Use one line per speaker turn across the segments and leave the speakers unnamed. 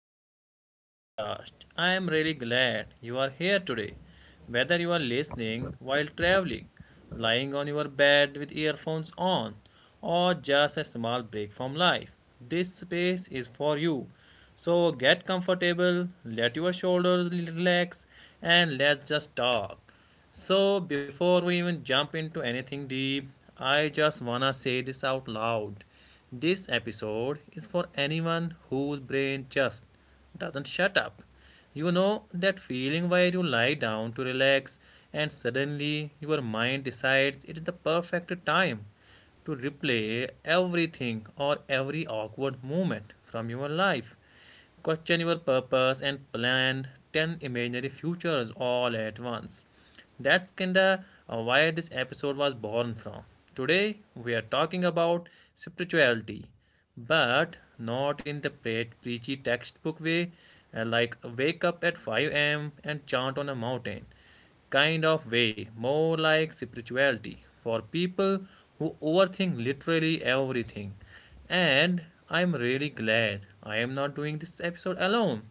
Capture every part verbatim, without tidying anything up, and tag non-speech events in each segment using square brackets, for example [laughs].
Welcome back to the podcast. I am really glad you are here today. Whether you are listening while traveling, lying on your bed with earphones on, or just a small break from life, this space is for you. So get comfortable, let your shoulders relax, and let's just talk. So, before we even jump into anything deep, I just wanna say this out loud. This episode is for anyone whose brain just doesn't shut up. You know that feeling where you lie down to relax and suddenly your mind decides it is the perfect time to replay everything or every awkward moment from your life. Question your purpose and plan ten imaginary futures all at once. That's kinda uh, why this episode was born from. Today we are talking about spirituality, but not in the pre- preachy textbook way, uh, like wake up at five a m and chant on a mountain kind of way, more like spirituality for people who overthink literally everything. And I'm really glad I am not doing this episode alone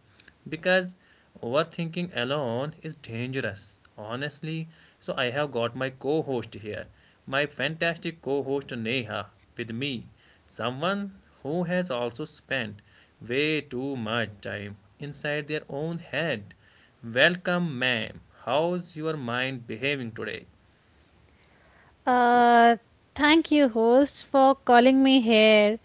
because overthinking alone is dangerous, honestly. So I have got my co host here, my fantastic co host Neha with me, someone who has also spent way too much time inside their own head. Welcome, ma'am. How's your mind behaving today?
Uh, Thank you, host, for calling me here.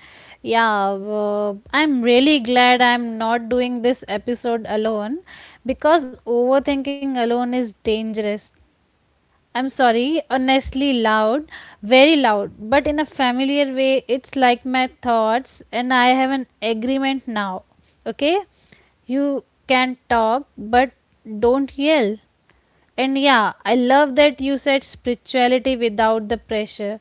Yeah, uh, I'm really glad I'm not doing this episode alone because overthinking alone is dangerous. I'm sorry, honestly, loud, very loud, but in a familiar way, it's like my thoughts, and I have an agreement now. Okay? You can talk, but don't yell. And yeah, I love that you said spirituality without the pressure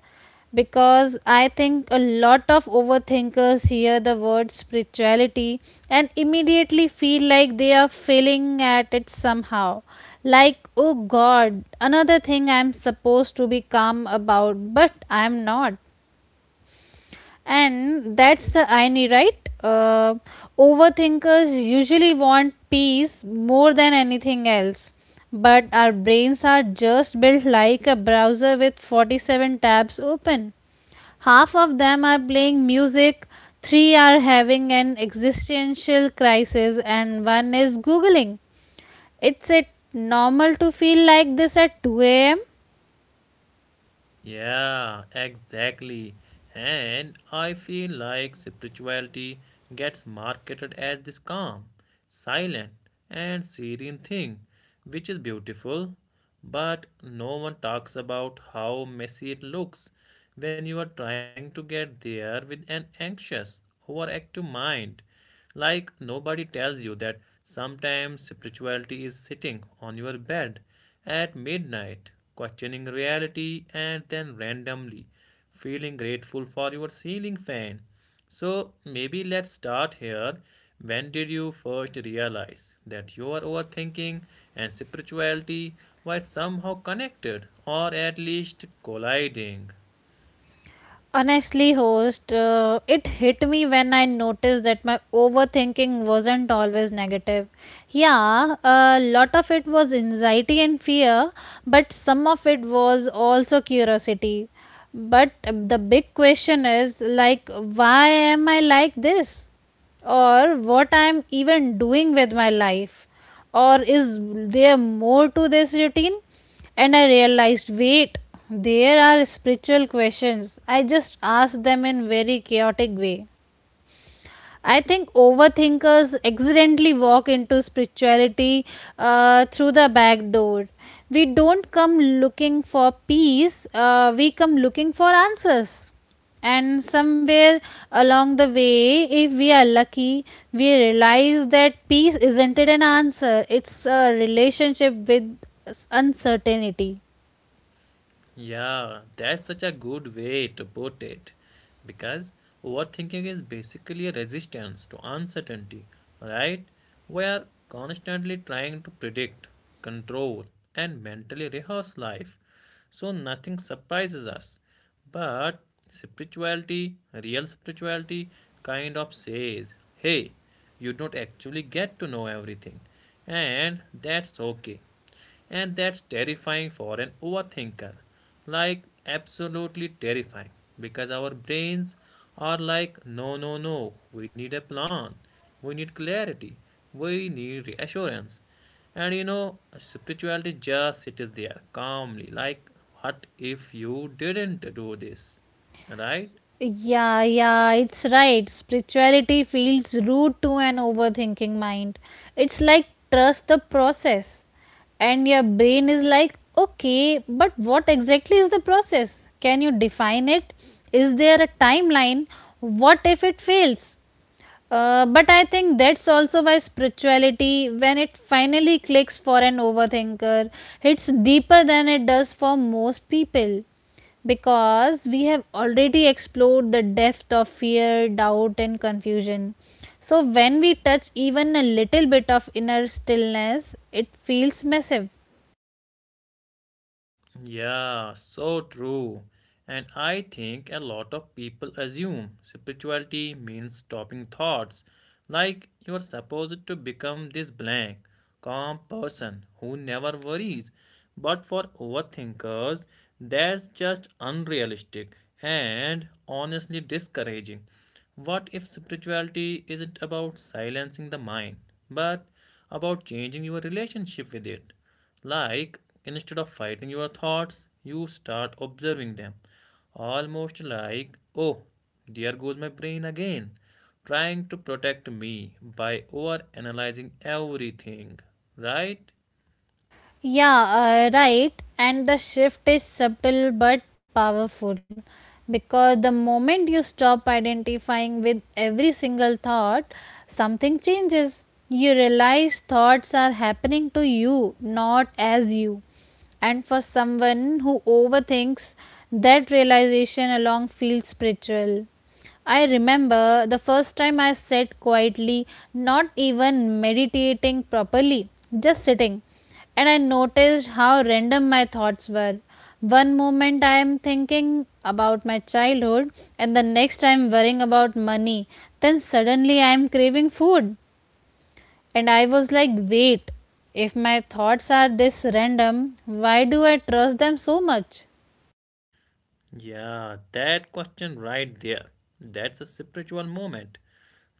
because I think a lot of overthinkers hear the word spirituality and immediately feel like they are failing at it somehow. Like, oh god, another thing I'm supposed to be calm about, but I'm not. And that's the irony, right? Uh, Overthinkers usually want peace more than anything else. But our brains are just built like a browser with forty-seven tabs open. Half of them are playing music, three are having an existential crisis, and one is Googling. It's it normal to feel like this at two a m?
Yeah, exactly. And I feel like spirituality gets marketed as this calm, silent, and serene thing, which is beautiful, but no one talks about how messy it looks when you are trying to get there with an anxious, overactive mind. Like nobody tells you that sometimes spirituality is sitting on your bed at midnight, questioning reality and then randomly feeling grateful for your ceiling fan. So maybe let's start here. When did you first realize that your overthinking and spirituality were somehow connected or at least colliding?
Honestly, host, uh, it hit me when I noticed that my overthinking wasn't always negative. Yeah, a lot of it was anxiety and fear, but some of it was also curiosity. But uh, the big question is like, why am I like this? Or what I'm even doing with my life? Or is there more to this routine? And I realized, wait, there are spiritual questions. I just asked them in very chaotic way. I think overthinkers accidentally walk into spirituality uh, through the back door. We don't come looking for peace, uh, we come looking for answers. And somewhere along the way, if we are lucky, we realize that peace isn't it an answer, it's a relationship with s- uncertainty.
Yeah, that's such a good way to put it. Because overthinking is basically a resistance to uncertainty, right? We are constantly trying to predict, control, and mentally rehearse life. So nothing surprises us. But spirituality, real spirituality, kind of says, hey, you don't actually get to know everything. And that's okay. And that's terrifying for an overthinker. Like, absolutely terrifying. Because our brains are like, no, no, no, we need a plan, we need clarity, we need reassurance. And you know, spirituality just sits there calmly, like, what if you didn't do this? Right?
Yeah, yeah, it's right. Spirituality feels rude to an overthinking mind. It's like trust the process. And your brain is like, okay, but what exactly is the process? Can you define it? Is there a timeline? What if it fails? Uh, but I think that's also why spirituality, when it finally clicks for an overthinker, hits deeper than it does for most people. Because we have already explored the depth of fear, doubt, and confusion. So when we touch even a little bit of inner stillness, it feels massive.
Yeah, so true. And I think a lot of people assume spirituality means stopping thoughts, like you're supposed to become this blank, calm person who never worries. But for overthinkers, that's just unrealistic and honestly discouraging. What if spirituality isn't about silencing the mind, but about changing your relationship with it? Like, instead of fighting your thoughts, you start observing them. Almost like, oh, there goes my brain again, trying to protect me by over analyzing everything, right?
Yeah, uh, right. And the shift is subtle but powerful because the moment you stop identifying with every single thought, something changes. You realize thoughts are happening to you, not as you. And for someone who overthinks, that realization alone feels spiritual. I remember the first time I sat quietly, not even meditating properly, just sitting. And I noticed how random my thoughts were. One moment I am thinking about my childhood, and the next I am worrying about money. Then suddenly I am craving food. And I was like, wait, if my thoughts are this random, why do I trust them so much?
Yeah, that question right there. That's a spiritual moment.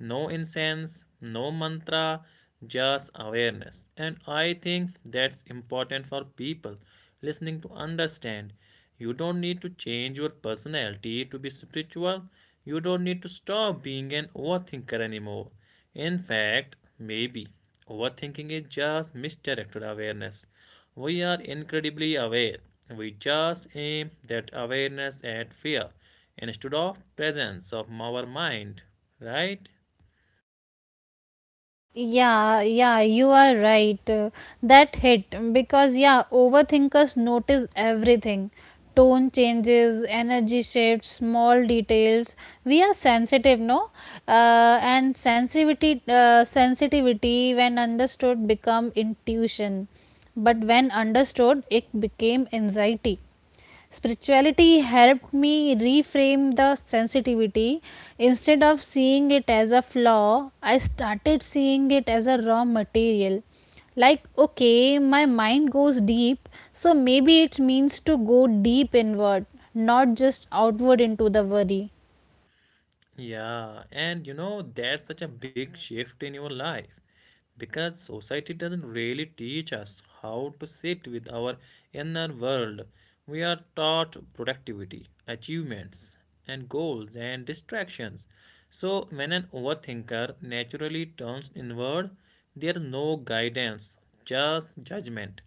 No incense, no mantra, just awareness. And I think that's important for people listening to understand. You don't need to change your personality to be spiritual. You don't need to stop being an overthinker anymore. In fact, maybe overthinking is just misdirected awareness. We are incredibly aware. We just aim that awareness at fear instead of presence of our mind, right?
yeah yeah you are right. Uh, that hit because yeah, overthinkers notice everything, tone changes, energy shifts, small details. We are sensitive, no, uh, and sensitivity, uh, sensitivity when understood become intuition, but when understood it became anxiety. Spirituality helped me reframe the sensitivity. Instead of seeing it as a flaw, I started seeing it as a raw material. Like, okay, my mind goes deep, so maybe it means to go deep inward, not just outward into the worry.
Yeah, and you know, that's such a big shift in your life because society doesn't really teach us how to sit with our inner world. We are taught productivity, achievements, and goals and distractions. So, when an overthinker naturally turns inward, there is no guidance, just judgment.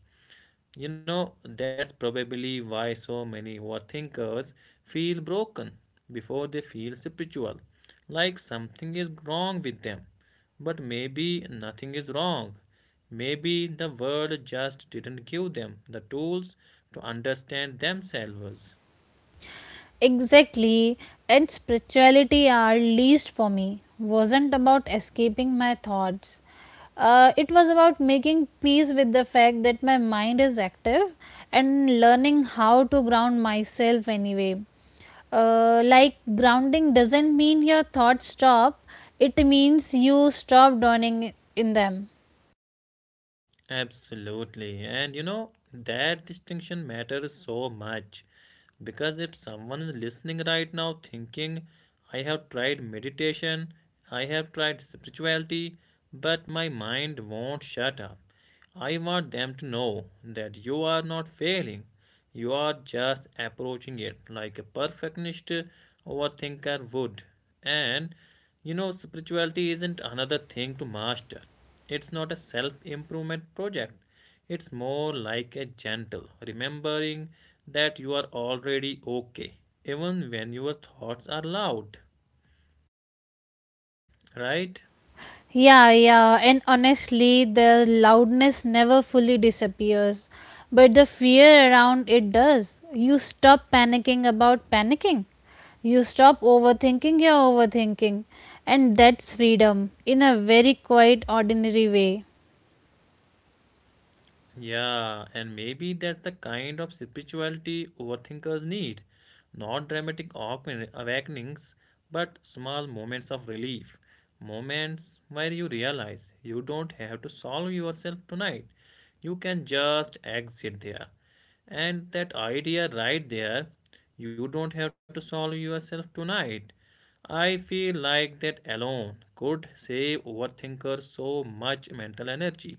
You know, that's probably why so many overthinkers feel broken before they feel spiritual, like something is wrong with them. But maybe nothing is wrong. Maybe the world just didn't give them the tools to understand themselves.
Exactly, and spirituality, at least for me, wasn't about escaping my thoughts. Uh, it was about making peace with the fact that my mind is active and learning how to ground myself anyway. Uh, like grounding doesn't mean your thoughts stop, it means you stop dwelling in them.
Absolutely. And you know, that distinction matters so much because if someone is listening right now thinking, I have tried meditation, I have tried spirituality, but my mind won't shut up. I want them to know that you are not failing. You are just approaching it like a perfectionist overthinker would. And you know, spirituality isn't another thing to master, it's not a self improvement project. It's more like a gentle remembering that you are already okay, even when your thoughts are loud, right?
Yeah, yeah, and honestly, the loudness never fully disappears, but the fear around it does. You stop panicking about panicking, you stop overthinking your overthinking, and that's freedom in a very quiet, ordinary way.
Yeah, and maybe that's the kind of spirituality overthinkers need. Not dramatic awaken- awakenings, but small moments of relief. Moments where you realize you don't have to solve yourself tonight. You can just exit there. And that idea right there, you don't have to solve yourself tonight. I feel like that alone could save overthinkers so much mental energy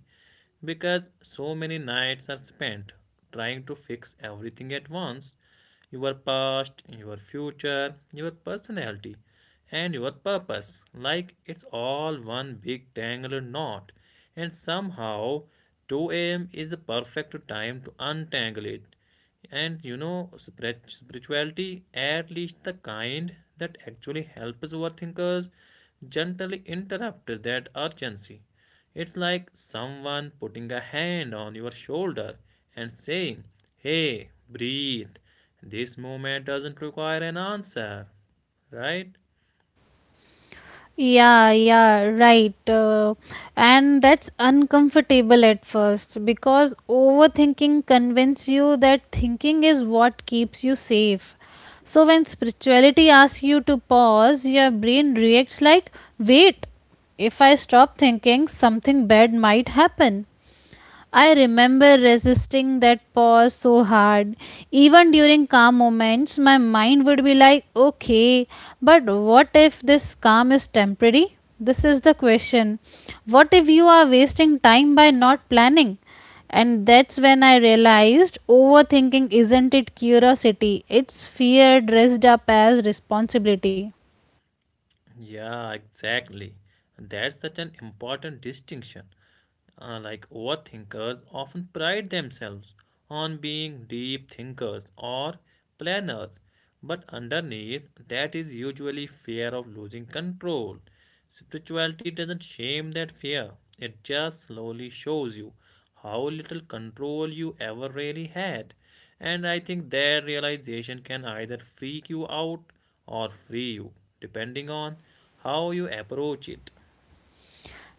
because so many nights are spent trying to fix everything at once, your past, your future, your personality, and your purpose like it's all one big tangled knot. And somehow, two a m is the perfect time to untangle it. And you know, spirit- spirituality, at least the kind that actually helps overthinkers, gently interrupts that urgency. It's like someone putting a hand on your shoulder and saying, hey, breathe. This moment doesn't require an answer, right?
Yeah, yeah, right. Uh, and that's uncomfortable at first because overthinking convinces you that thinking is what keeps you safe. So when spirituality asks you to pause, your brain reacts like, wait, if I stop thinking, something bad might happen. I remember resisting that pause so hard. Even during calm moments, my mind would be like, okay, but what if this calm is temporary? This is the question. What if you are wasting time by not planning? And that's when I realized overthinking isn't it curiosity, it's fear dressed up as responsibility.
Yeah, exactly. That's such an important distinction. Uh, like overthinkers often pride themselves on being deep thinkers or planners, but underneath that is usually fear of losing control. Spirituality doesn't shame that fear, it just slowly shows you how little control you ever really had. And I think that realization can either freak you out or free you, depending on how you approach it.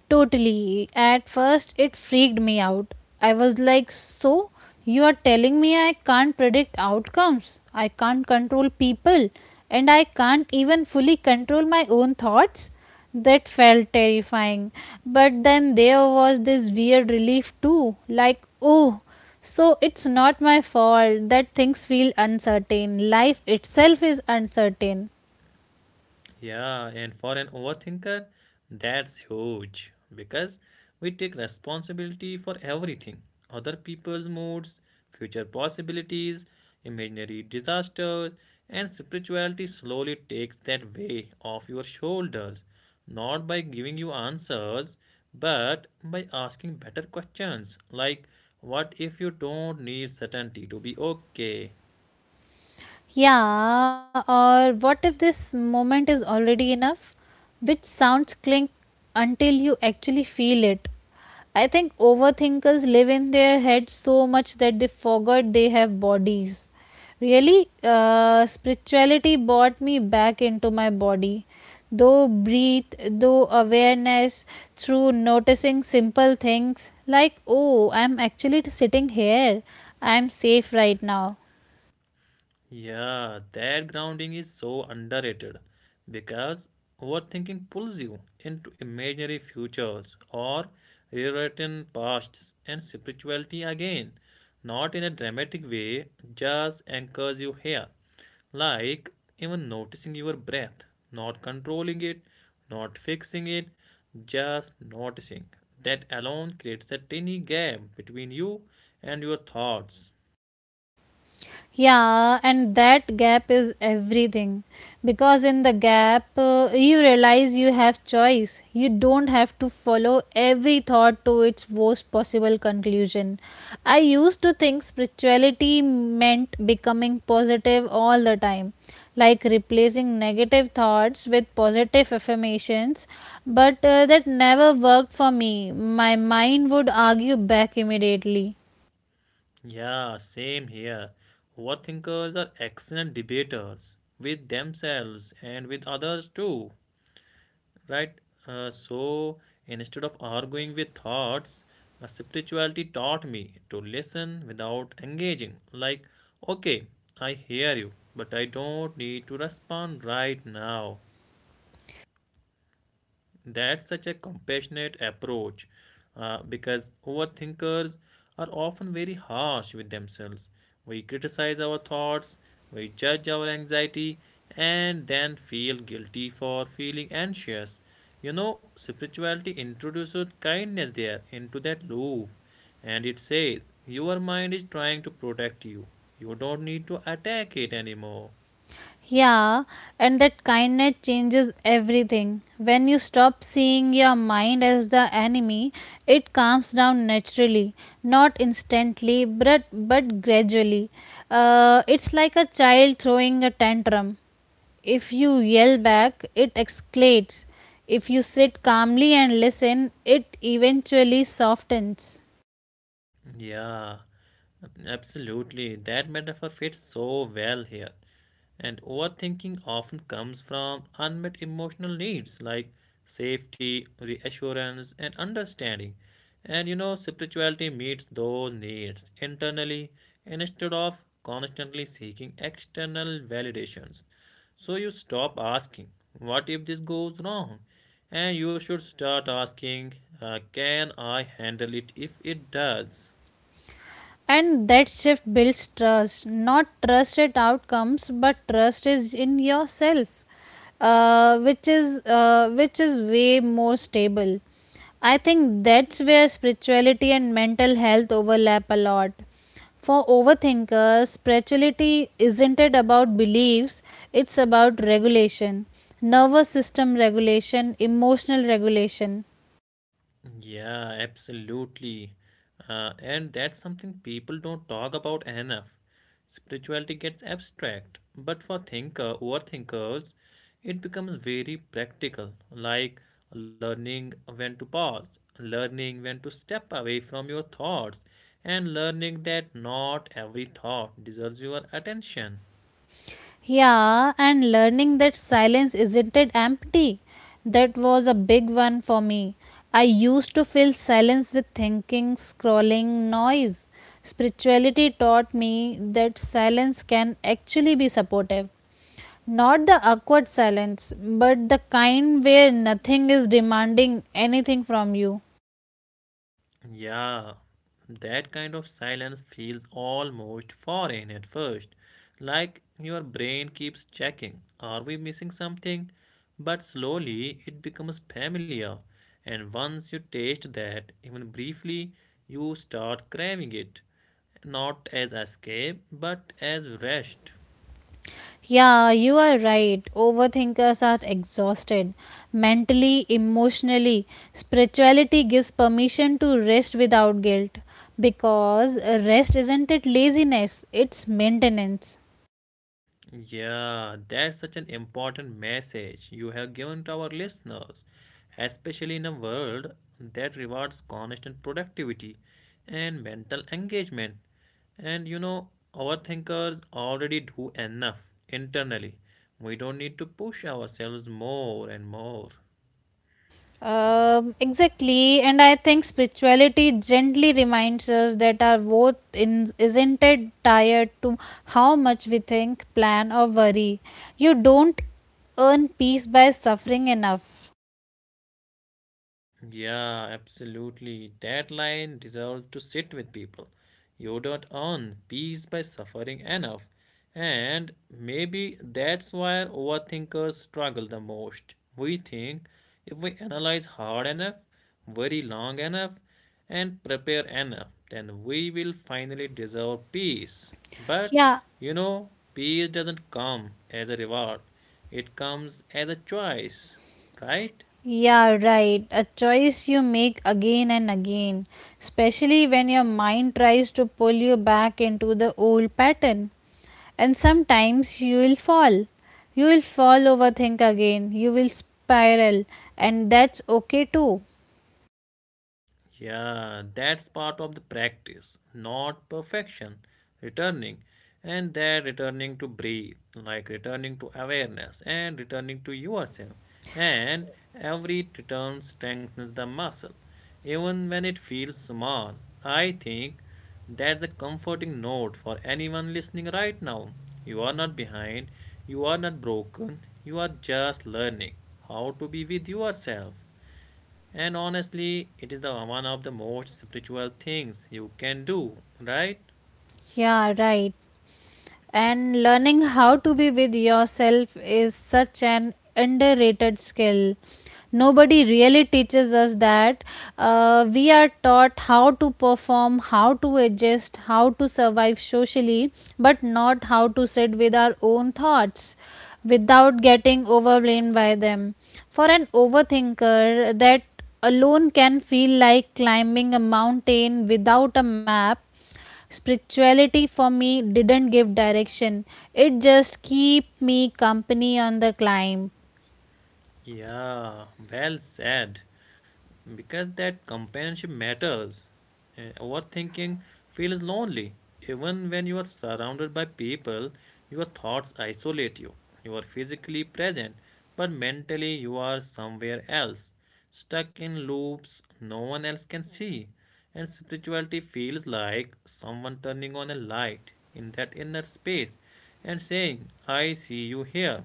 Totally. At first, it freaked me out. I was like, so you are telling me I can't predict outcomes, I can't control people, and I can't even fully control my own thoughts? That felt terrifying. But then there was this weird relief too, like, oh, so it's not my fault that things feel uncertain. Life itself is uncertain.
Yeah, and for an overthinker, that's huge because we take responsibility for everything, other people's moods, future possibilities, imaginary disasters, and spirituality slowly takes that weight off your shoulders, not by giving you answers, but by asking better questions like, what if you don't need certainty to be okay?
Yeah, or what if this moment is already enough? Which sounds cling until you actually feel it. I think overthinkers live in their heads so much that they forgot they have bodies. Really, uh, spirituality brought me back into my body. Though breathe, though awareness, through noticing simple things like, oh, I'm actually sitting here. I'm safe right now.
Yeah, that grounding is so underrated because overthinking pulls you into imaginary futures or rewritten pasts, and spirituality again, not in a dramatic way, just anchors you here. Like even noticing your breath, not controlling it, not fixing it, just noticing. That alone creates a tiny gap between you and your thoughts.
Yeah, and that gap is everything. Because in the gap, uh, you realize you have choice. You don't have to follow every thought to its worst possible conclusion. I used to think spirituality meant becoming positive all the time, like replacing negative thoughts with positive affirmations, but uh, that never worked for me. My mind would argue back immediately.
Yeah, same here. Overthinkers are excellent debaters with themselves and with others too, right? Uh, so instead of arguing with thoughts, uh, spirituality taught me to listen without engaging. Like, okay, I hear you, but I don't need to respond right now. That's such a compassionate approach uh, because overthinkers are often very harsh with themselves. We criticize our thoughts, we judge our anxiety, and then feel guilty for feeling anxious. You know, spirituality introduces kindness there into that loop, and it says, your mind is trying to protect you. You don't need to attack it anymore.
Yeah, and that kindness changes everything. When you stop seeing your mind as the enemy, it calms down naturally, not instantly, but but gradually. Uh, it's like a child throwing a tantrum. If you yell back, it escalates. If you sit calmly and listen, it eventually softens.
Yeah, absolutely. That metaphor fits so well here. And overthinking often comes from unmet emotional needs like safety, reassurance, and understanding. And you know, spirituality meets those needs internally instead of constantly seeking external validations. So you stop asking, what if this goes wrong? And you should start asking, uh, can I handle it if it does?
And that shift builds trust, not trust at outcomes, but trust is in yourself, uh, which is uh, which is way more stable. I think that's where spirituality and mental health overlap a lot. For overthinkers, spirituality isn't it about beliefs, it's about regulation, nervous system regulation, emotional regulation.
Yeah, absolutely. Uh, and that's something people don't talk about enough. Spirituality gets abstract, but for thinker overthinkers, it becomes very practical, like learning when to pause, learning when to step away from your thoughts, and learning that not every thought deserves your attention.
Yeah, and learning that silence isn't it empty. That was a big one for me. I used to fill silence with thinking, scrolling, noise. Spirituality taught me that silence can actually be supportive. Not the awkward silence, but the kind where nothing is demanding anything from you.
Yeah, that kind of silence feels almost foreign at first, like your brain keeps checking, are we missing something? But slowly it becomes familiar, and once you taste that, even briefly, you start craving it, not as escape, but as rest.
Yeah, you are right. Overthinkers are exhausted mentally, emotionally. Spirituality gives permission to rest without guilt because rest isn't it laziness, it's maintenance.
Yeah, that's such an important message you have given to our listeners, especially in a world that rewards constant productivity and mental engagement. And you know, our thinkers already do enough internally. We don't need to push ourselves more and more.
Um, exactly, and I think spirituality gently reminds us that our worth in, isn't it tied to how much we think, plan, or worry. You don't earn peace by suffering enough.
Yeah, absolutely. That line deserves to sit with people. You don't earn peace by suffering enough. And maybe that's why overthinkers struggle the most. We think if we analyze hard enough, very long enough, and prepare enough, then we will finally deserve peace. But
Yeah,
you know, peace doesn't come as a reward, it comes as a choice, right?
Yeah, right. A choice you make again and again, especially when your mind tries to pull you back into the old pattern. And sometimes you will fall. You will fall, overthink again. You will spiral, and that's okay too.
Yeah, that's part of the practice, not perfection. Returning, and that returning to breathe, like returning to awareness and returning to yourself. And every return strengthens the muscle, even when it feels small. I think that's a comforting note for anyone listening right now. You are not behind, you are not broken, you are just learning how to be with yourself, and honestly it is the one of the most spiritual things you can do, right?
Yeah, right. And learning how to be with yourself is such an underrated skill. Nobody really teaches us that. Uh, we are taught how to perform, how to adjust, how to survive socially, but not how to sit with our own thoughts without getting overwhelmed by them. For an overthinker, that alone can feel like climbing a mountain without a map. Spirituality for me didn't give direction, it just keep me company on the climb.
Yeah, well said. Because that companionship matters. Uh, Overthinking feels lonely. Even when you are surrounded by people, your thoughts isolate you. You are physically present, but mentally you are somewhere else, stuck in loops no one else can see. And spirituality feels like someone turning on a light in that inner space and saying, I see you here.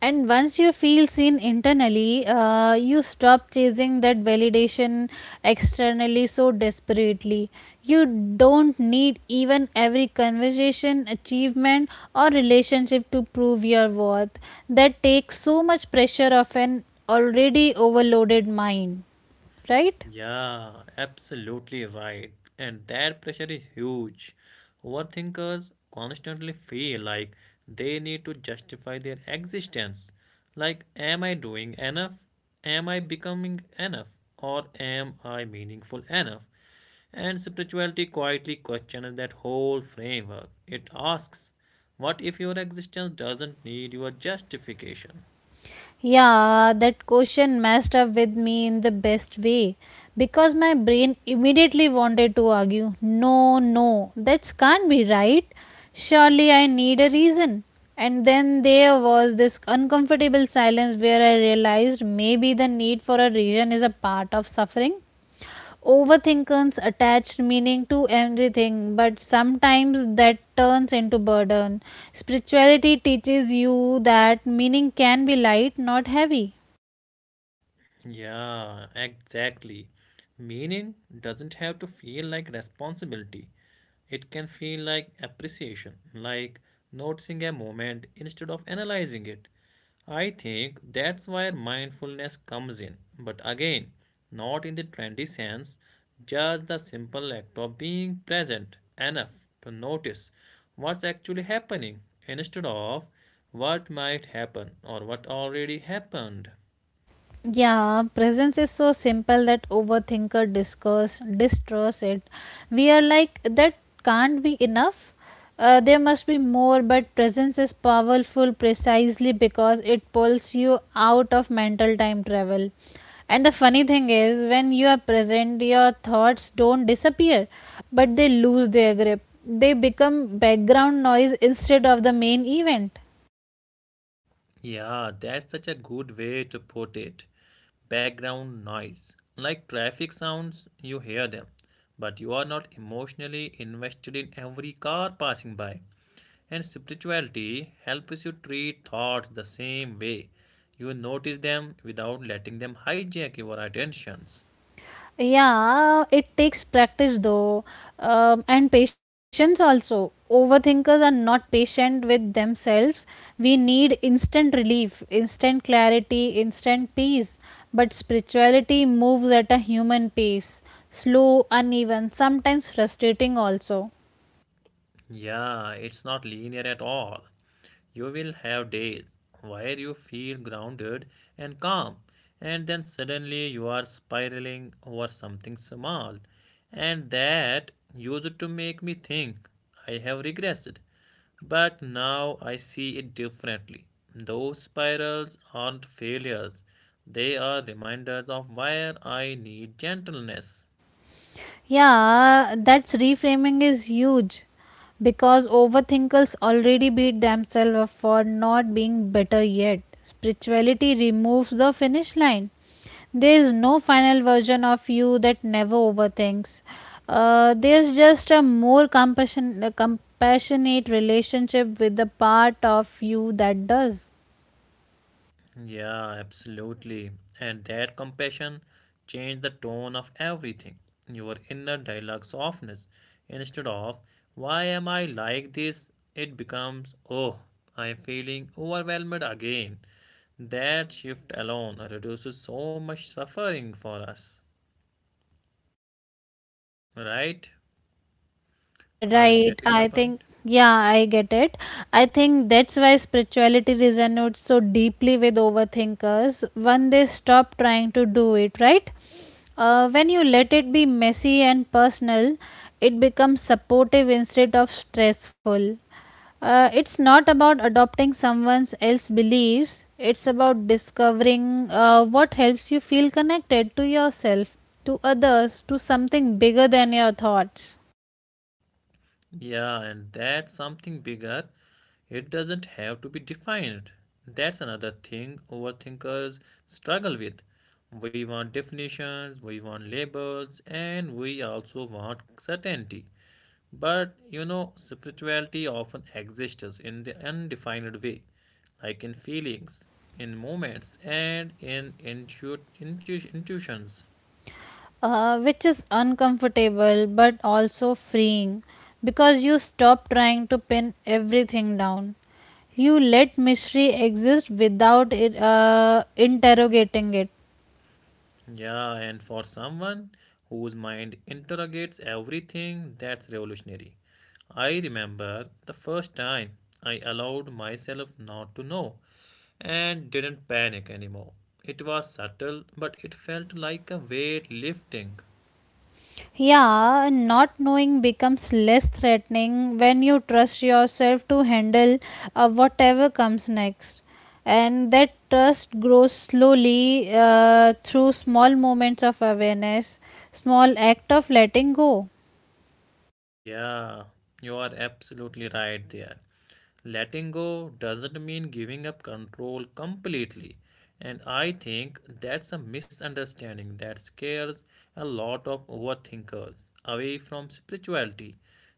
And once you feel seen internally, uh, you stop chasing that validation externally so desperately. You don't need even every conversation, achievement, or relationship to prove your worth. That takes so much pressure off an already overloaded mind, right?
Yeah, absolutely right. And that pressure is huge. Overthinkers constantly feel like they need to justify their existence. Like, am I doing enough? Am I becoming enough? Or am I meaningful enough? And spirituality quietly questions that whole framework. It asks, what if your existence doesn't need your justification?
Yeah, that question messed up with me in the best way because my brain immediately wanted to argue, no, no, that can't be right. Surely I need a reason. And then there was this uncomfortable silence where I realized maybe the need for a reason is a part of suffering. Overthinkers attach meaning to everything, but sometimes that turns into burden. Spirituality teaches you that meaning can be light, not heavy.
Yeah, exactly. Meaning doesn't have to feel like responsibility. It can feel like appreciation, like noticing a moment instead of analyzing it. I think that's where mindfulness comes in. But again, not in the trendy sense, just the simple act of being present enough to notice what's actually happening instead of what might happen or what already happened.
Yeah, presence is so simple that overthinker discuss distrust it. We are like that can't be enough. Uh, there must be more, but presence is powerful precisely because it pulls you out of mental time travel. And the funny thing is, when you are present, your thoughts don't disappear, but they lose their grip. They become background noise instead of the main event.
Yeah, that's such a good way to put it. Background noise. Like traffic sounds, you hear them, but you are not emotionally invested in every car passing by. And spirituality helps you treat thoughts the same way. You notice them without letting them hijack your attentions.
Yeah, it takes practice though, um, and patience also. Overthinkers are not patient with themselves. We need instant relief, instant clarity, instant peace. But spirituality moves at a human pace, slow, uneven, sometimes frustrating also.
Yeah, it's not linear at all. You will have days where you feel grounded and calm, and then suddenly you are spiraling over something small. And that used to make me think I have regressed. But now I see it differently. Those spirals aren't failures, they are reminders of where I need gentleness.
Yeah, that's reframing is huge because overthinkers already beat themselves up for not being better yet. Spirituality removes the finish line. There is no final version of you that never overthinks. Uh, there's just a more compassion, compassionate relationship with the part of you that does.
Yeah, absolutely. And that compassion changed the tone of everything. Your inner dialogue softness. Instead of, why am I like this? It becomes, oh, I am feeling overwhelmed again. That shift alone reduces so much suffering for us. Right?
Yeah,
Are you
right.
getting my
I think,
point?
yeah, I get it. I think that's why spirituality resonates so deeply with overthinkers when they stop trying to do it, right? Uh, when you let it be messy and personal, it becomes supportive instead of stressful. Uh, it's not about adopting someone else's beliefs, it's about discovering uh, what helps you feel connected to yourself, to others, to something bigger than your thoughts.
Yeah, and that's something bigger. It doesn't have to be defined. That's another thing overthinkers struggle with. We want definitions, we want labels, and we also want certainty. But you know, spirituality often exists in the undefined way, like in feelings, in moments, and in intu- intu- intuitions.
Uh, which is uncomfortable but also freeing because you stop trying to pin everything down. You let mystery exist without it, uh, interrogating it.
Yeah, and for someone whose mind interrogates everything, that's revolutionary. I remember the first time I allowed myself not to know and didn't panic anymore. It was subtle, but it felt like a weight lifting.
Yeah, not knowing becomes less threatening when you trust yourself to handle uh, whatever comes next. And that trust grows slowly uh, through small moments of awareness, small act of letting go.
Yeah, you are absolutely right there. Letting go doesn't mean giving up control completely. And I think that's a misunderstanding that scares a lot of overthinkers away from spirituality.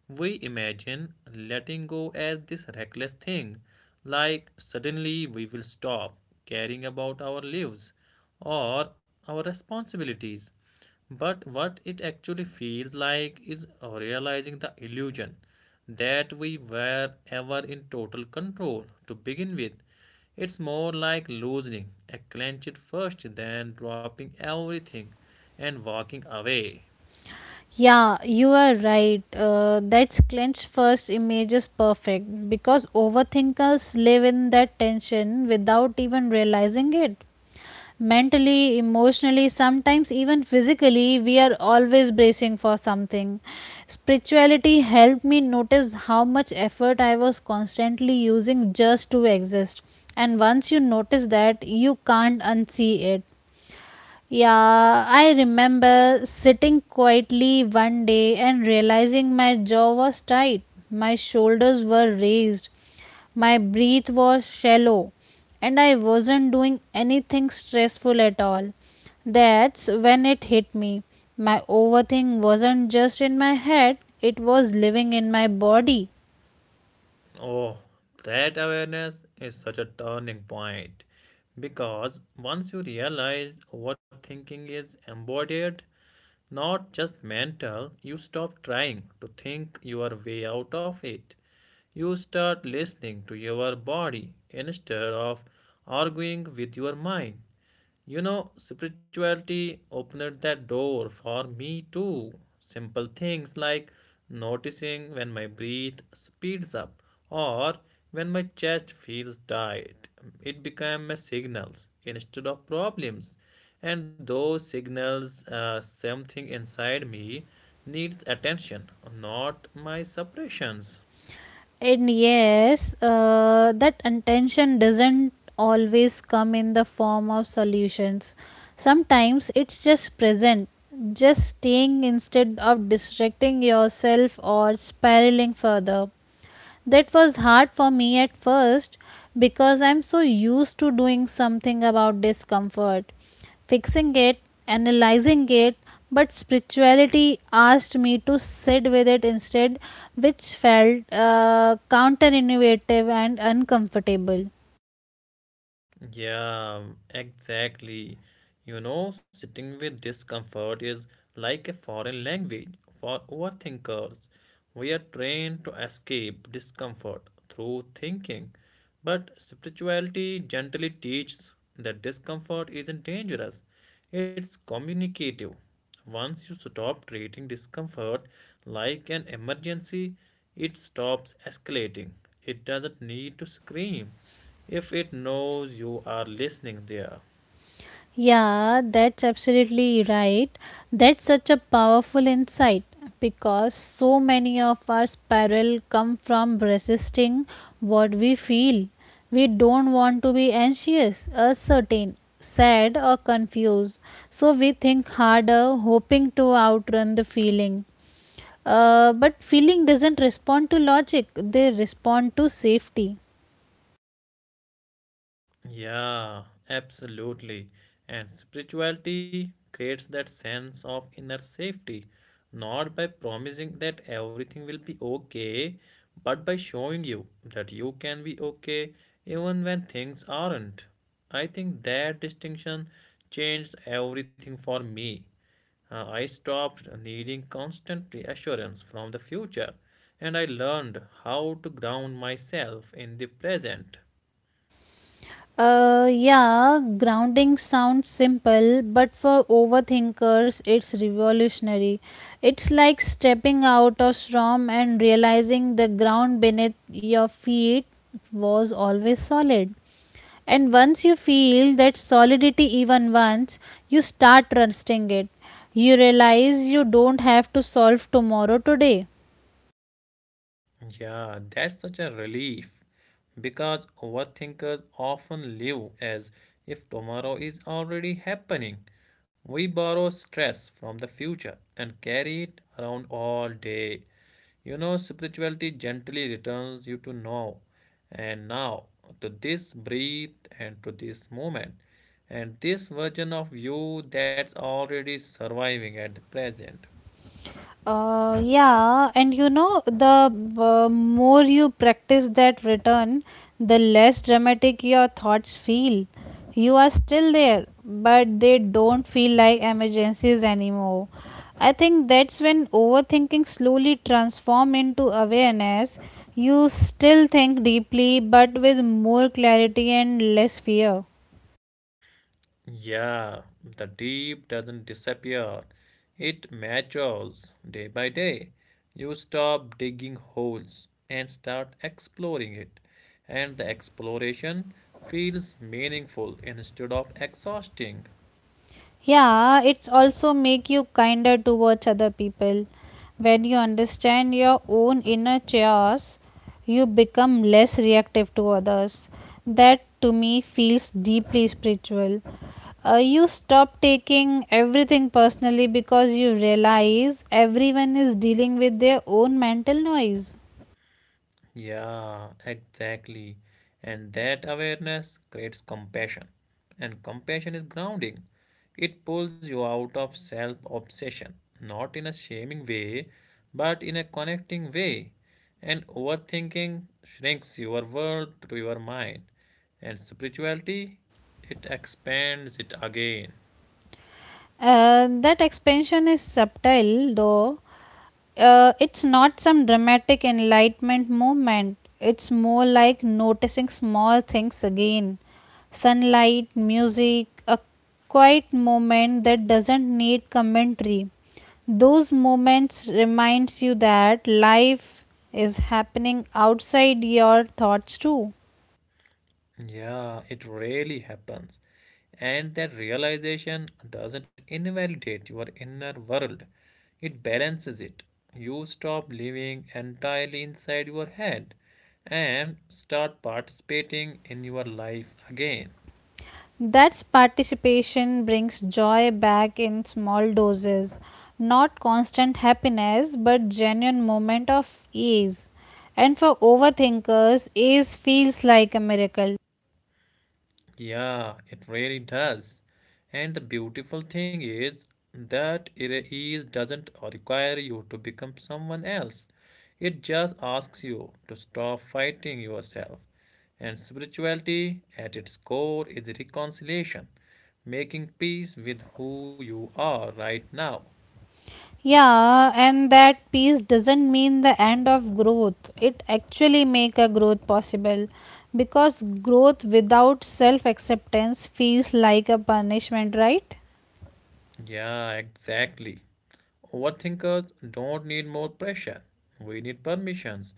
We imagine letting go as this reckless thing, like suddenly we will stop caring about our lives or our responsibilities. But what it actually feels like is realizing the illusion that we were ever in total control to begin with. It's more like loosening a clenched fist than dropping everything and walking away.
Yeah, you are right. Uh, that's clenched first image is perfect because overthinkers live in that tension without even realizing it. Mentally, emotionally, sometimes even physically, we are always bracing for something. Spirituality helped me notice how much effort I was constantly using just to exist. And once you notice that, you can't unsee it. Yeah, I remember sitting quietly one day and realizing my jaw was tight, my shoulders were raised, my breath was shallow, and I wasn't doing anything stressful at all. That's when it hit me. My overthink wasn't just in my head, it was living in my body.
Oh, that awareness is such a turning point because once you realize overthinking is embodied, not just mental, you stop trying to think your way out of it. You start listening to your body instead of arguing with your mind. You know, spirituality opened that door for me too. Simple things like noticing when my breath speeds up or when my chest feels tight. It became my signals instead of problems. And those signals, uh, something inside me needs attention, not my suppressions.
And yes, uh, that intention doesn't always come in the form of solutions. Sometimes it's just present, just staying instead of distracting yourself or spiraling further. That was hard for me at first because I'm so used to doing something about discomfort, fixing it, analyzing it, but spirituality asked me to sit with it instead, which felt uh, counterintuitive and uncomfortable.
Yeah, exactly. You know, sitting with discomfort is like a foreign language for overthinkers. We are trained to escape discomfort through thinking, but spirituality gently teaches that discomfort isn't dangerous, it's communicative. Once you stop treating discomfort like an emergency, it stops escalating. It doesn't need to scream if it knows you are listening there.
Yeah, that's absolutely right. That's such a powerful insight because so many of our spiral come from resisting what we feel. We don't want to be anxious, uncertain, sad, or confused. So we think harder, hoping to outrun the feeling. Uh, but feeling doesn't respond to logic, they respond to safety.
Yeah, absolutely. And spirituality creates that sense of inner safety, not by promising that everything will be okay, but by showing you that you can be okay even when things aren't. I think that distinction changed everything for me. Uh, I stopped needing constant reassurance from the future and I learned how to ground myself in the present.
Uh, yeah, grounding sounds simple, but for overthinkers, it's revolutionary. It's like stepping out of storm and realizing the ground beneath your feet was always solid. And once you feel that solidity even once, you start trusting it. You realize you don't have to solve tomorrow today.
Yeah, that's such a relief because overthinkers often live as if tomorrow is already happening. We borrow stress from the future and carry it around all day. You know, spirituality gently returns you to now and now to this breath and to this moment and this version of you that's already surviving at the present.
Uh, yeah, and you know, the uh, more you practice that return, the less dramatic your thoughts feel. You are still there, but they don't feel like emergencies anymore. I think that's when overthinking slowly transforms into awareness. You still think deeply, but with more clarity and less fear.
Yeah, the deep doesn't disappear. It matures day by day. You stop digging holes and start exploring it. And the exploration feels meaningful instead of exhausting.
Yeah, it's also make you kinder towards other people. When you understand your own inner chaos, you become less reactive to others. That to me feels deeply spiritual. Uh, you stop taking everything personally because you realize everyone is dealing with their own mental noise.
Yeah, exactly. And that awareness creates compassion. And compassion is grounding. It pulls you out of self obsession, not in a shaming way, but in a connecting way. And overthinking shrinks your world to your mind. And spirituality, it expands it again.
Uh, that expansion is subtle though uh, it's not some dramatic enlightenment movement. It's more like noticing small things again sunlight, music, a quiet moment that doesn't need commentary. Those moments reminds you that life is happening outside your thoughts too.
Yeah, it really happens. And that realization doesn't invalidate your inner world, it balances it. You stop living entirely inside your head and start participating in your life again.
That's participation brings joy back in small doses, not constant happiness, but genuine moment of ease. And for overthinkers, ease feels like a miracle.
Yeah, it really does. And the beautiful thing is that it is doesn't require you to become someone else. It just asks you to stop fighting yourself. And spirituality at its core is reconciliation, making peace with who you are right now.
Yeah, and that peace doesn't mean the end of growth. It actually make a growth possible because growth without self acceptance feels like a punishment, right?
Yeah, exactly. Overthinkers don't need more pressure. We need permissions.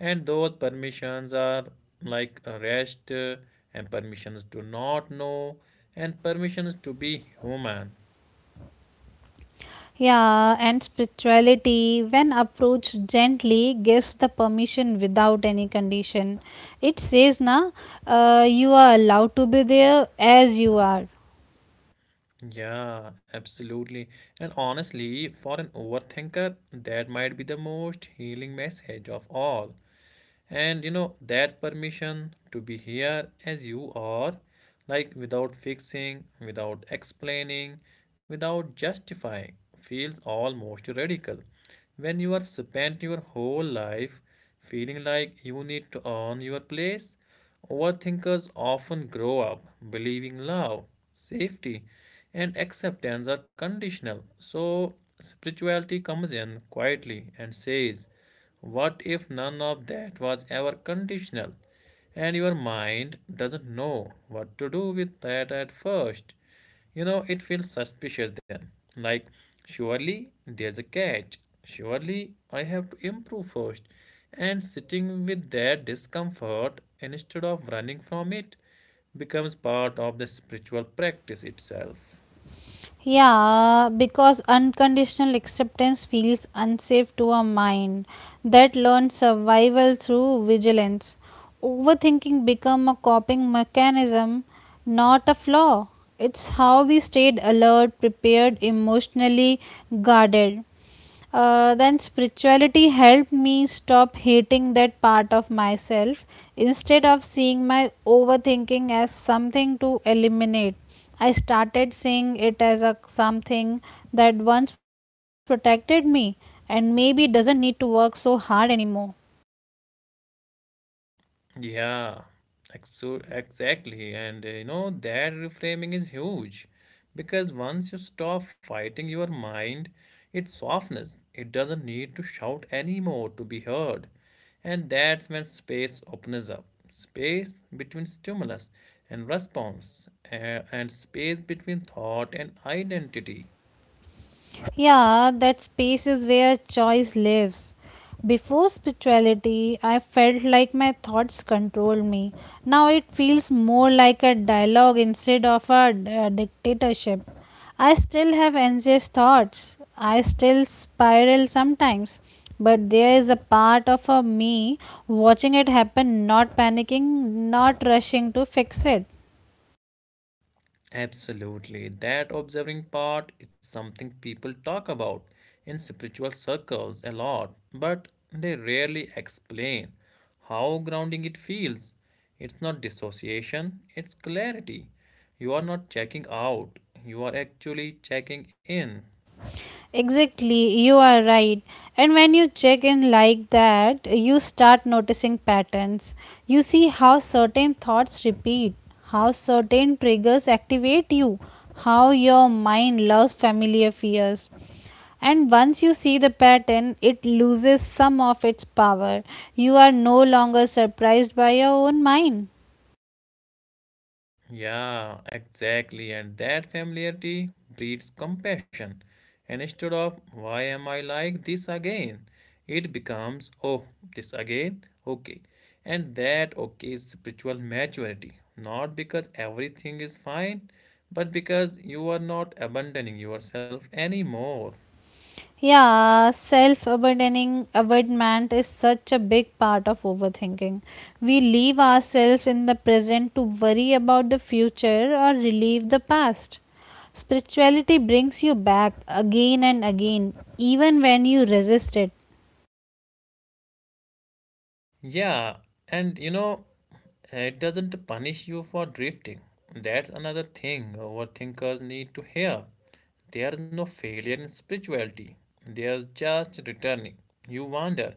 And those permissions are like rest, uh, and permissions to not know, and permissions to be human.
Yeah, and spirituality, when approached gently, gives the permission without any condition. It says, na, uh, you are allowed to be there as you are.
Yeah, absolutely. And honestly, for an overthinker, that might be the most healing message of all. And you know that permission to be here as you are, like without fixing, without explaining, without justifying, feels almost radical when you are spent your whole life feeling like you need to earn your place. Overthinkers often grow up believing love, safety and acceptance are conditional, so spirituality comes in quietly and says, what if none of that was ever conditional, and your mind doesn't know what to do with that at first? You know, it feels suspicious then. Like, surely there's a catch. Surely I have to improve first. And sitting with that discomfort instead of running from it becomes part of the spiritual practice itself.
Yeah, because unconditional acceptance feels unsafe to a mind that learns survival through vigilance. Overthinking become a coping mechanism, not a flaw. It's how we stayed alert, prepared, emotionally guarded. Uh, then spirituality helped me stop hating that part of myself instead of seeing my overthinking as something to eliminate. I started seeing it as a something that once protected me and maybe doesn't need to work so hard anymore.
Yeah, ex- so exactly. And uh, you know, that reframing is huge because once you stop fighting your mind, it's softness. It doesn't need to shout anymore to be heard. And that's when space opens up. Space between stimulus and response, uh, and space between thought and identity.
Yeah, that space is where choice lives. Before spirituality, I felt like my thoughts controlled me. Now it feels more like a dialogue instead of a d- a dictatorship. I still have anxious thoughts. I still spiral sometimes. But there is a part of a me watching it happen, not panicking, not rushing to fix it.
Absolutely. That observing part is something people talk about in spiritual circles a lot, but they rarely explain how grounding it feels. It's not dissociation, it's clarity. You are not checking out, you are actually checking in.
Exactly, you are right. And when you check in like that, you start noticing patterns. You see how certain thoughts repeat, how certain triggers activate you, how your mind loves familiar fears. And once you see the pattern, it loses some of its power. You are no longer surprised by your own mind.
Yeah, exactly. And that familiarity breeds compassion. And instead of, why am I like this again? It becomes, oh, this again? Okay. And that okay is spiritual maturity. Not because everything is fine, but because you are not abandoning yourself anymore.
Yeah, self abandoning abandonment is such a big part of overthinking. We leave ourselves in the present to worry about the future or relieve the past. Spirituality brings you back again and again, even when you resist it.
Yeah, and you know, it doesn't punish you for drifting. That's another thing overthinkers need to hear. There's no failure in spirituality, there's just returning. You wander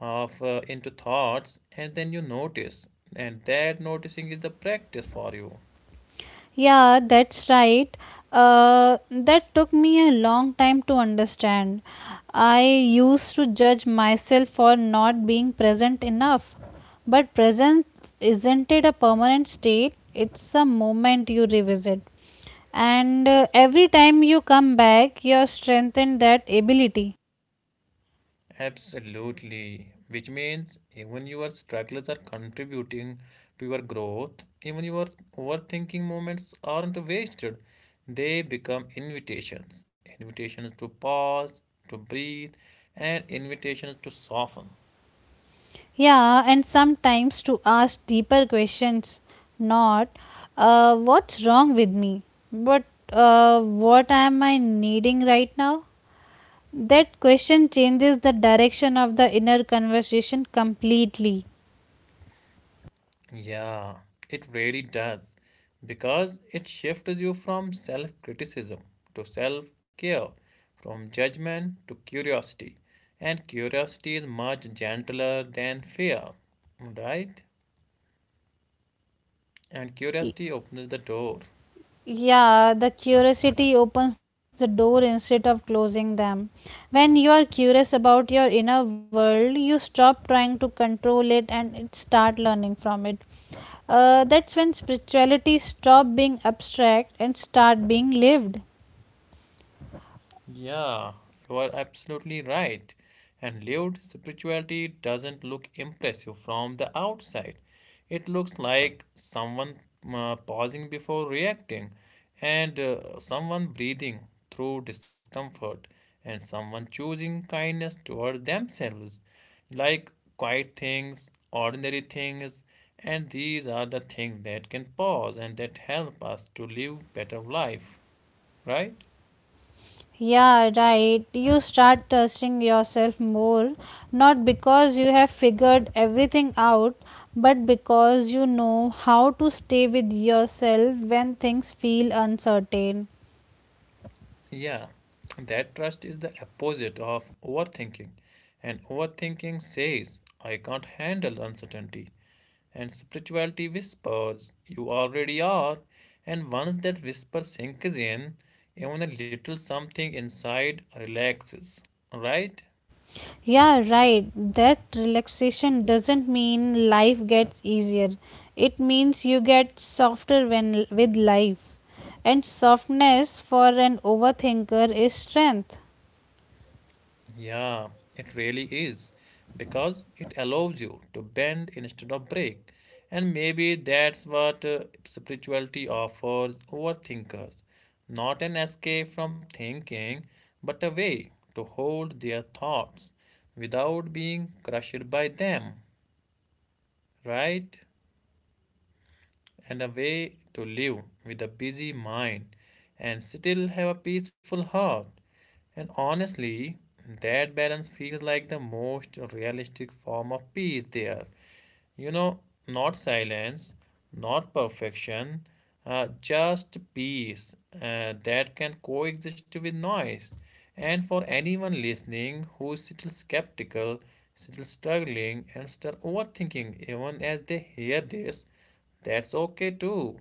off uh, into thoughts and then you notice, and that noticing is the practice for you.
Yeah, that's right. Uh, that took me a long time to understand. I used to judge myself for not being present enough. But presence isn't it a permanent state? It's a moment you revisit. And uh, every time you come back, you're strengthened that ability.
Absolutely, which means even your struggles are contributing to your growth, even your overthinking moments aren't wasted, they become invitations invitations to pause, to breathe, and invitations to soften.
Yeah, and sometimes to ask deeper questions, not uh, what's wrong with me, but uh, what am I needing right now? That question changes the direction of the inner conversation completely.
Yeah, it really does because it shifts you from self criticism to self care, from judgment to curiosity. And curiosity is much gentler than fear, right? And
Y-
curiosity opens the door.
Yeah, the curiosity opens the door instead of closing them. When you are curious about your inner world, you stop trying to control it and it start learning from it. Uh, that's when spirituality stop being abstract and start being lived.
Yeah, you are absolutely right. And lived spirituality doesn't look impressive from the outside. It looks like someone uh, pausing before reacting, and uh, someone breathing through discomfort, and someone choosing kindness towards themselves. Like quiet things, ordinary things, and these are the things that can pause and that help us to live better life, right?
Yeah, right. You start trusting yourself more, not because you have figured everything out, but because you know how to stay with yourself when things feel uncertain.
Yeah, that trust is the opposite of overthinking. And overthinking says, I can't handle uncertainty. And spirituality whispers, you already are. And once that whisper sinks in, even a little something inside relaxes. Right?
Yeah, right. That relaxation doesn't mean life gets easier. It means you get softer when with life. And softness for an overthinker is strength.
Yeah, it really is because it allows you to bend instead of break. And maybe that's what uh, spirituality offers overthinkers, not an escape from thinking, but a way to hold their thoughts without being crushed by them, right? And a way to live with a busy mind and still have a peaceful heart. And honestly, that balance feels like the most realistic form of peace there. You know, not silence, not perfection, uh, just peace uh, that can coexist with noise. And for anyone listening who is still skeptical, still struggling, and still overthinking, even as they hear this, that's okay too.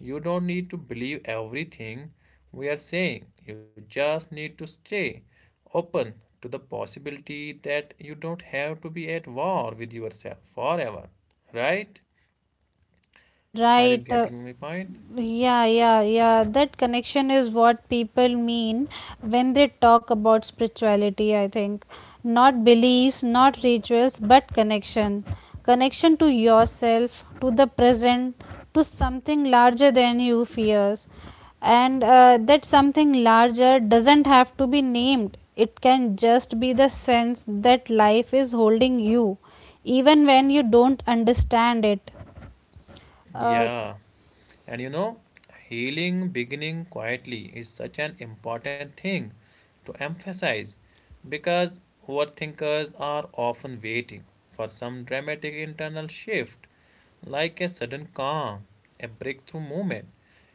You don't need to believe everything we are saying. You just need to stay open to the possibility that you don't have to be at war with yourself forever. Right?
Ah,
Are you
right. uh,
getting my point?
Yeah, yeah, yeah. That connection is what people mean when they talk about spirituality, I think. Not beliefs, not rituals, but connection. Connection to yourself, to the present, to something larger than you fears. And uh, that something larger doesn't have to be named, it can just be the sense that life is holding you, even when you don't understand it. Uh,
Yeah. And you know, healing beginning quietly is such an important thing to emphasize because overthinkers are often waiting for some dramatic internal shift, like a sudden calm, a breakthrough moment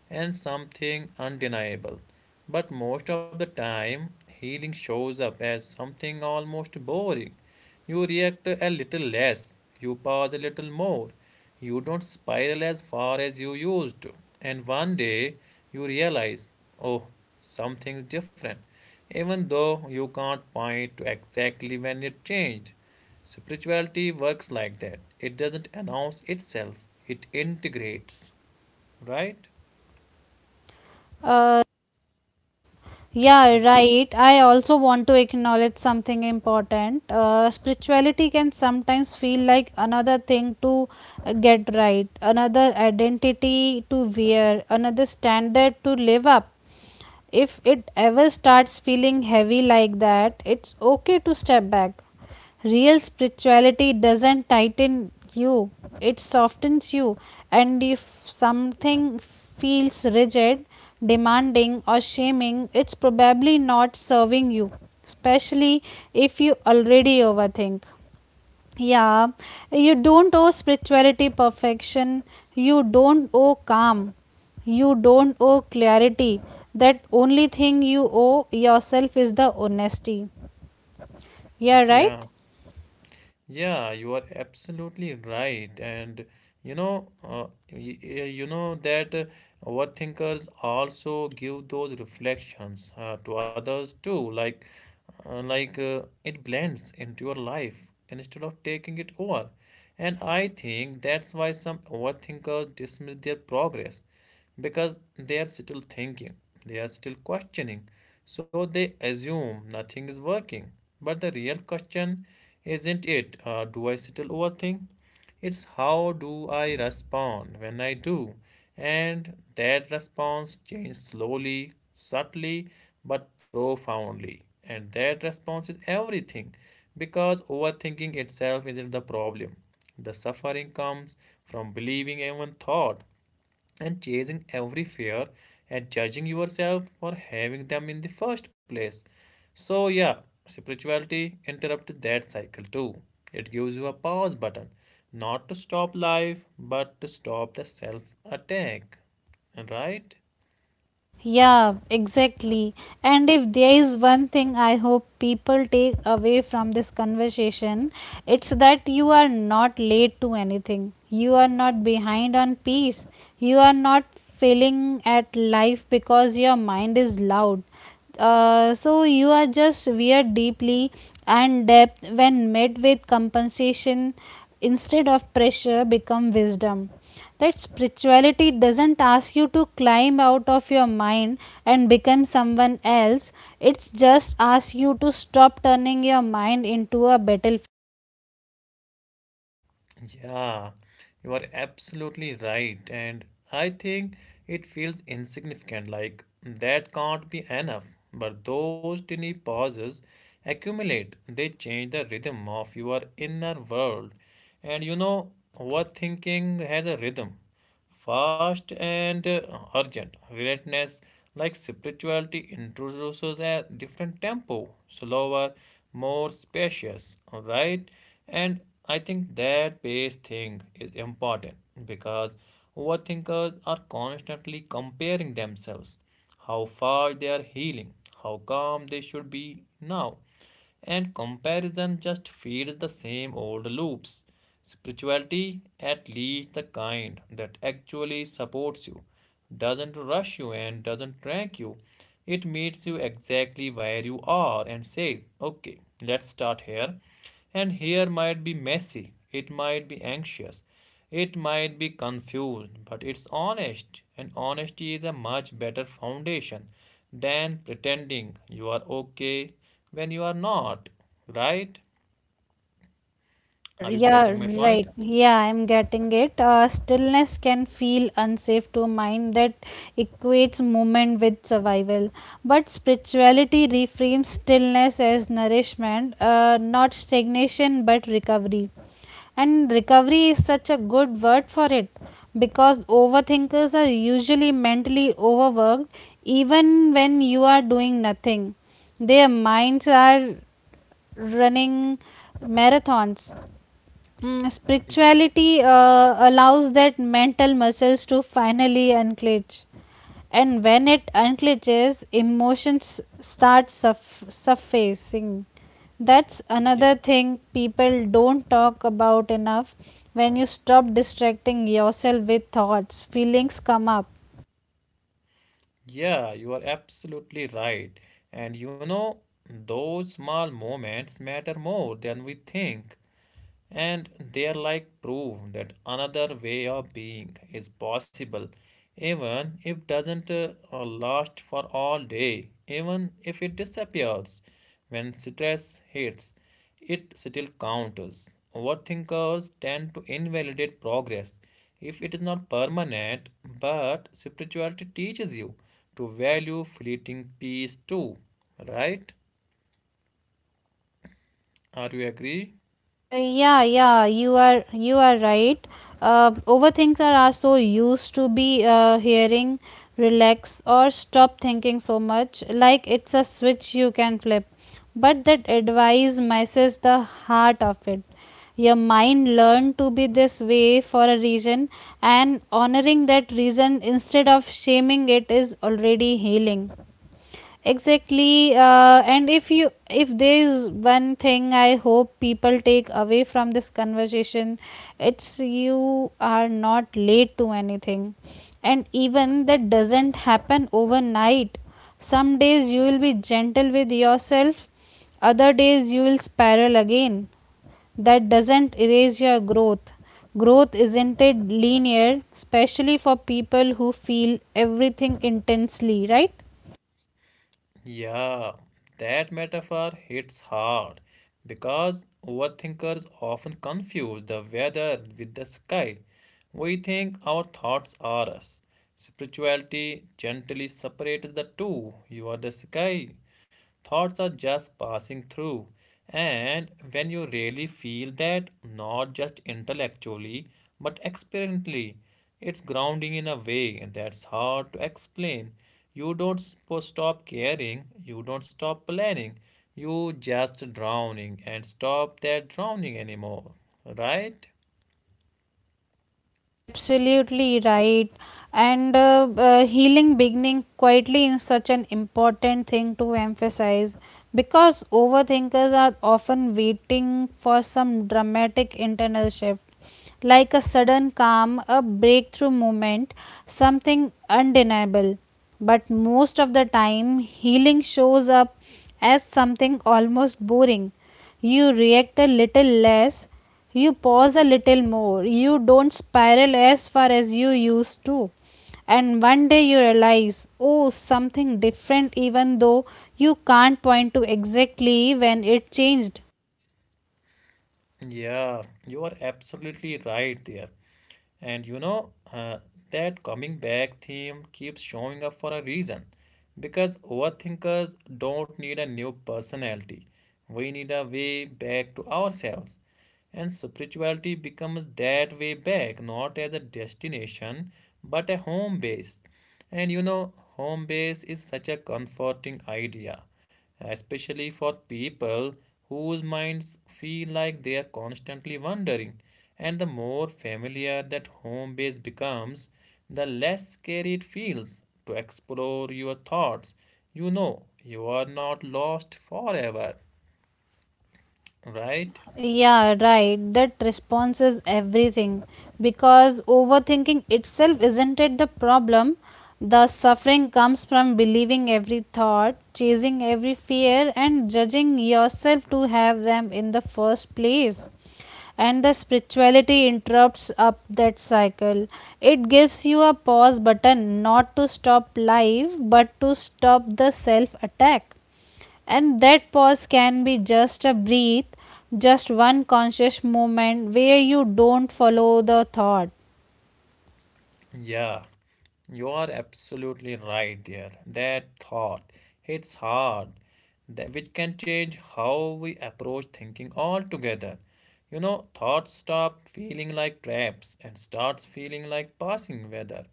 and something undeniable. But most of the time, healing shows up as something almost boring. You react a little less, you pause a little more, you don't spiral as far as you used to. And one day, you realize, oh, something's different, even though you can't point to exactly when it changed. Spirituality works like that. It doesn't announce itself, it integrates, right?
uh, Yeah, right. I also want to acknowledge something important. Uh, spirituality can sometimes feel like another thing to uh, get right, another identity to wear, another standard to live up. If it ever starts feeling heavy like that, it's okay to step back. Real spirituality doesn't tighten you, it softens you. And if something feels rigid, demanding, or shaming, it's probably not serving you, especially if you already overthink. Yeah, you don't owe spirituality perfection, you don't owe calm, you don't owe clarity. That only thing you owe yourself is the honesty. Yeah, right?
Yeah, yeah, you are absolutely right. And you know, uh, y- y- you know that uh, what also give those reflections uh, to others too. Like, uh, like uh, it blends into your life instead of taking it over. And I think that's why some overthinkers dismiss their progress because they are still thinking, they are still questioning. So they assume nothing is working. But the real question isn't it, uh, do I still overthink? It's how do I respond when I do? And that response changes slowly, subtly, but profoundly. And that response is everything because overthinking itself isn't the problem. The suffering comes from believing even thought and chasing every fear and judging yourself for having them in the first place. So, yeah, spirituality interrupts that cycle too. It gives you a pause button, not to stop life, but to stop the self attack. Right?
Yeah, exactly. And if there is one thing I hope people take away from this conversation, it's that you are not late to anything. You are not behind on peace. You are not failing at life because your mind is loud. Uh, so you are just weird deeply and depth when met with compensation instead of pressure become wisdom that spirituality doesn't ask you to climb out of your mind and become someone else, it just asks you to stop turning your mind into a battlefield.
Yeah, you are absolutely right. And I think it feels insignificant, like that can't be enough. But those tiny pauses accumulate, they change the rhythm of your inner world. And you know what thinking has a rhythm fast and uh, urgent. Relentless, like spirituality, introduces a different tempo, slower, more spacious, right? And I think that pace thing is important because overthinkers are constantly comparing themselves, how far they are healing, how calm they should be now and comparison just feeds the same old loops. Spirituality, at least the kind that actually supports you, doesn't rush you and doesn't track you. It meets you exactly where you are and says, okay, let's start here. And here might be messy, it might be anxious, it might be confused, but it's honest, and honesty is a much better foundation than pretending you are okay when you are not, right?
Uh,
Are you
yeah,
getting my
right.
point?
Yeah, I'm getting it. Uh, stillness can feel unsafe to a mind that equates movement with survival. But spirituality reframes stillness as nourishment, uh, not stagnation but recovery. And recovery is such a good word for it because overthinkers are usually mentally overworked even when you are doing nothing. Their minds are running marathons. Mm, spirituality uh, allows that mental muscles to finally unclench, and when it unclenches emotions start surf- surfacing. That's
Yeah,
another thing people don't talk about enough. When you stop distracting yourself with thoughts feelings come up.
yeah, you are absolutely right. And you know, those small moments matter more than we think. And they're like proof that another way of being is possible, even if doesn't uh, uh, last for all day, even if it disappears. When stress hits, it still counts. Overthinkers tend to invalidate progress if it is not permanent, but spirituality teaches you to value fleeting peace too, right? Are you agree?
Uh, yeah, yeah, you are you are right. Uh, overthinkers are so used to be uh, hearing relax or stop thinking so much, like it's a switch you can flip. But that advice misses the heart of it. Your mind learned to be this way for a reason, and honoring that reason instead of shaming it is already healing. Exactly. Uh, and if you if there is one thing I hope people take away from this conversation, it's you are not late to anything. And even that doesn't happen overnight. Some days you will be gentle with yourself, other days you will spiral again. That doesn't erase your growth. Growth isn't it linear, especially for people who feel everything intensely, right?
Yeah, that metaphor hits hard because overthinkers often confuse the weather with the sky. We think our thoughts are us. Spirituality gently separates the two. You are the sky. Thoughts are just passing through. And when you really feel that, not just intellectually, but experientially, it's grounding in a way that's hard to explain. You don't sp- stop caring, you don't stop planning, you just drowning and stop that drowning anymore, right?
Are absolutely right. And uh, uh, healing beginning quietly is such an important thing to emphasize because overthinkers are often waiting for some dramatic internal shift like a sudden calm, a breakthrough moment, something undeniable. But most of the time healing shows up as something almost boring. You react a little less, you pause a little more. You don't spiral as far as you used to. And one day you realize, oh, something different, even though you can't point to exactly when it changed.
Yeah, you are absolutely right there. And you know, uh, that coming back theme keeps showing up for a reason. Because overthinkers don't need a new personality, we need a way back to ourselves. And spirituality becomes that way back, not as a destination, but a home base. And you know, home base is such a comforting idea, especially for people whose minds feel like they are constantly wandering. And the more familiar that home base becomes, the less scary it feels to explore your thoughts. You know, you are not lost forever, right?
Yeah, right. That response is everything because overthinking itself isn't it the problem? The suffering comes from believing every thought, chasing every fear, and judging yourself to have them in the first place. And the spirituality interrupts up that cycle. It gives you a pause button not to stop life but to stop the self attack, and that pause can be just a breath, just one conscious moment where you don't follow the thought.
Yeah, you are absolutely right there. That thought hits hard, that which can change how we approach thinking altogether. You know, thoughts stop feeling like traps and starts feeling like passing weather.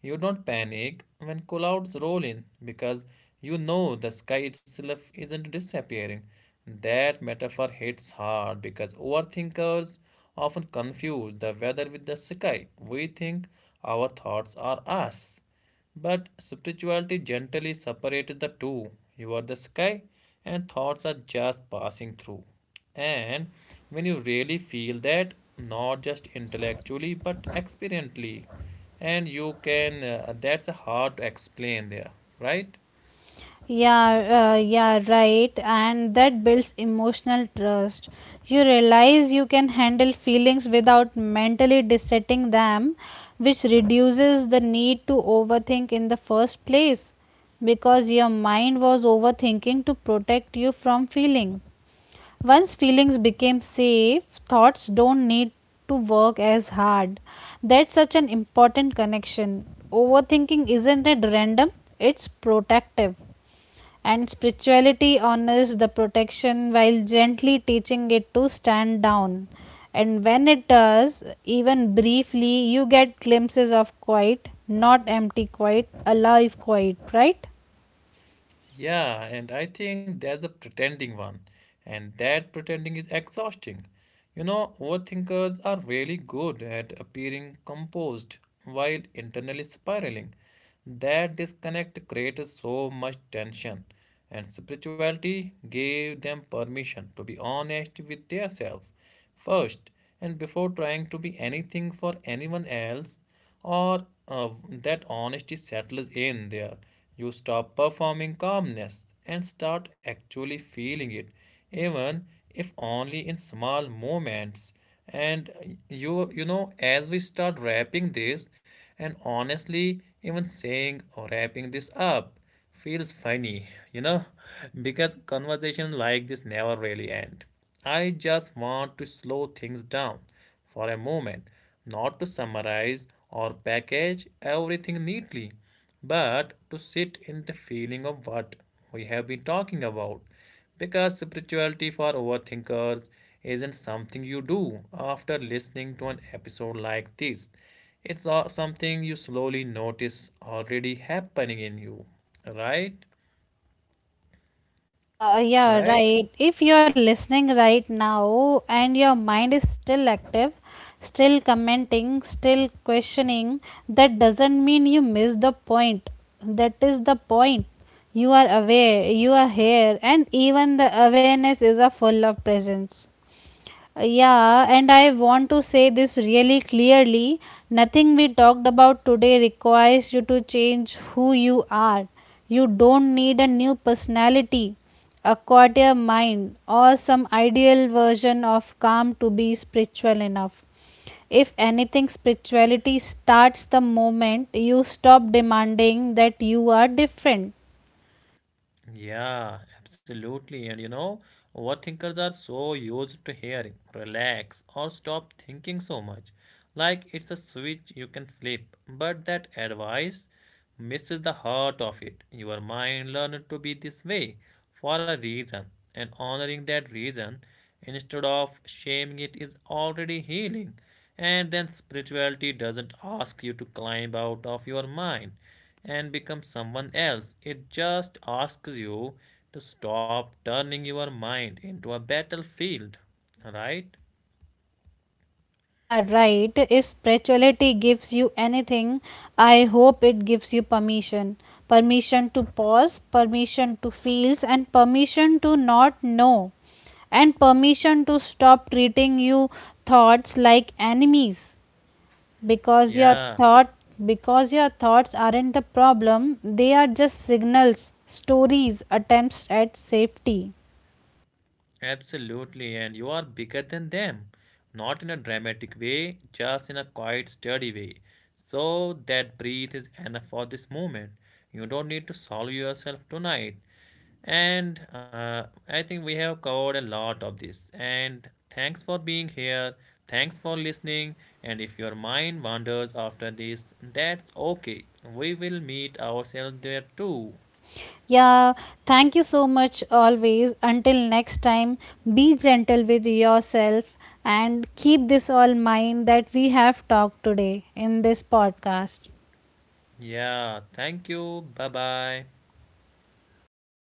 You don't panic when clouds roll in because you know the sky itself isn't disappearing. That metaphor hits hard because overthinkers often confuse the weather with the sky. We think our thoughts are us. But spirituality gently separates the two. You are the sky, and thoughts are just passing through. And when you really feel that, not just intellectually but experientially, and you can uh, that's hard to explain there, right?
Yeah, uh, yeah, right. And that builds emotional trust. You realize you can handle feelings without mentally dissecting them, which reduces the need to overthink in the first place because your mind was overthinking to protect you from feeling. Once feelings became safe, thoughts don't need to work as hard. That's such an important connection. Overthinking isn't it random, it's protective. And spirituality honors the protection while gently teaching it to stand down. And when it does, even briefly, you get glimpses of quiet, not empty quiet, alive quiet, right?
Yeah, and I think that's a pretending one, and that pretending is exhausting. You know overthinkers are really good at appearing composed while internally spiraling. That disconnect created so much tension, and spirituality gave them permission to be honest with themselves. First, and before trying to be anything for anyone else, or uh, that honesty settles in there. You stop performing calmness and start actually feeling it, even if only in small moments. And uh, you you know as we start wrapping this, and honestly even saying or wrapping this up feels funny, you know, [laughs] because conversations like this never really end. I just want to slow things down for a moment, not to summarize or package everything neatly, but to sit in the feeling of what we have been talking about. Because spirituality for overthinkers isn't something you do after listening to an episode like this, it's something you slowly notice already happening in you, right?
Yeah, yeah,
Right?
right. If you're listening right now and your mind is still active, still commenting, still questioning, that doesn't mean you missed the point. That is the point. You are aware, you are here, and even the awareness is a full of presence. Yeah, and I want to say this really clearly. Nothing we talked about today requires you to change who you are. You don't need a new personality, a quarter mind, or some ideal version of calm to be spiritual enough. If anything, spirituality starts the moment you stop demanding that you are different.
Yeah, absolutely. And you know, overthinkers are so used to hearing relax or stop thinking so much. Like it's a switch you can flip. But that advice misses the heart of it. Your mind learned to be this way for a reason, and honoring that reason instead of shaming it is already healing. And then spirituality doesn't ask you to climb out of your mind and become someone else. It just asks you to stop turning your mind into a battlefield. All right?
Yeah, right. If spirituality gives you anything, I hope it gives you permission. Permission to pause, permission to feel, and permission to not know, and permission to stop treating your thoughts like enemies because your
Yeah.
thought because your thoughts aren't the problem, they are just signals, stories, attempts at safety.
Absolutely, and you are bigger than them. Not in a dramatic way, just in a quiet, sturdy way. So that breathe is enough for this moment. You don't need to solve yourself tonight. And uh, I think we have covered a lot of this. And thanks for being here. Thanks for listening. And if your mind wanders after this, that's okay. We will meet ourselves there too.
Yeah, thank you so much always. Until next time, be gentle with yourself and keep this all mind that we have talked today in this podcast.
Yeah, thank you. Bye bye.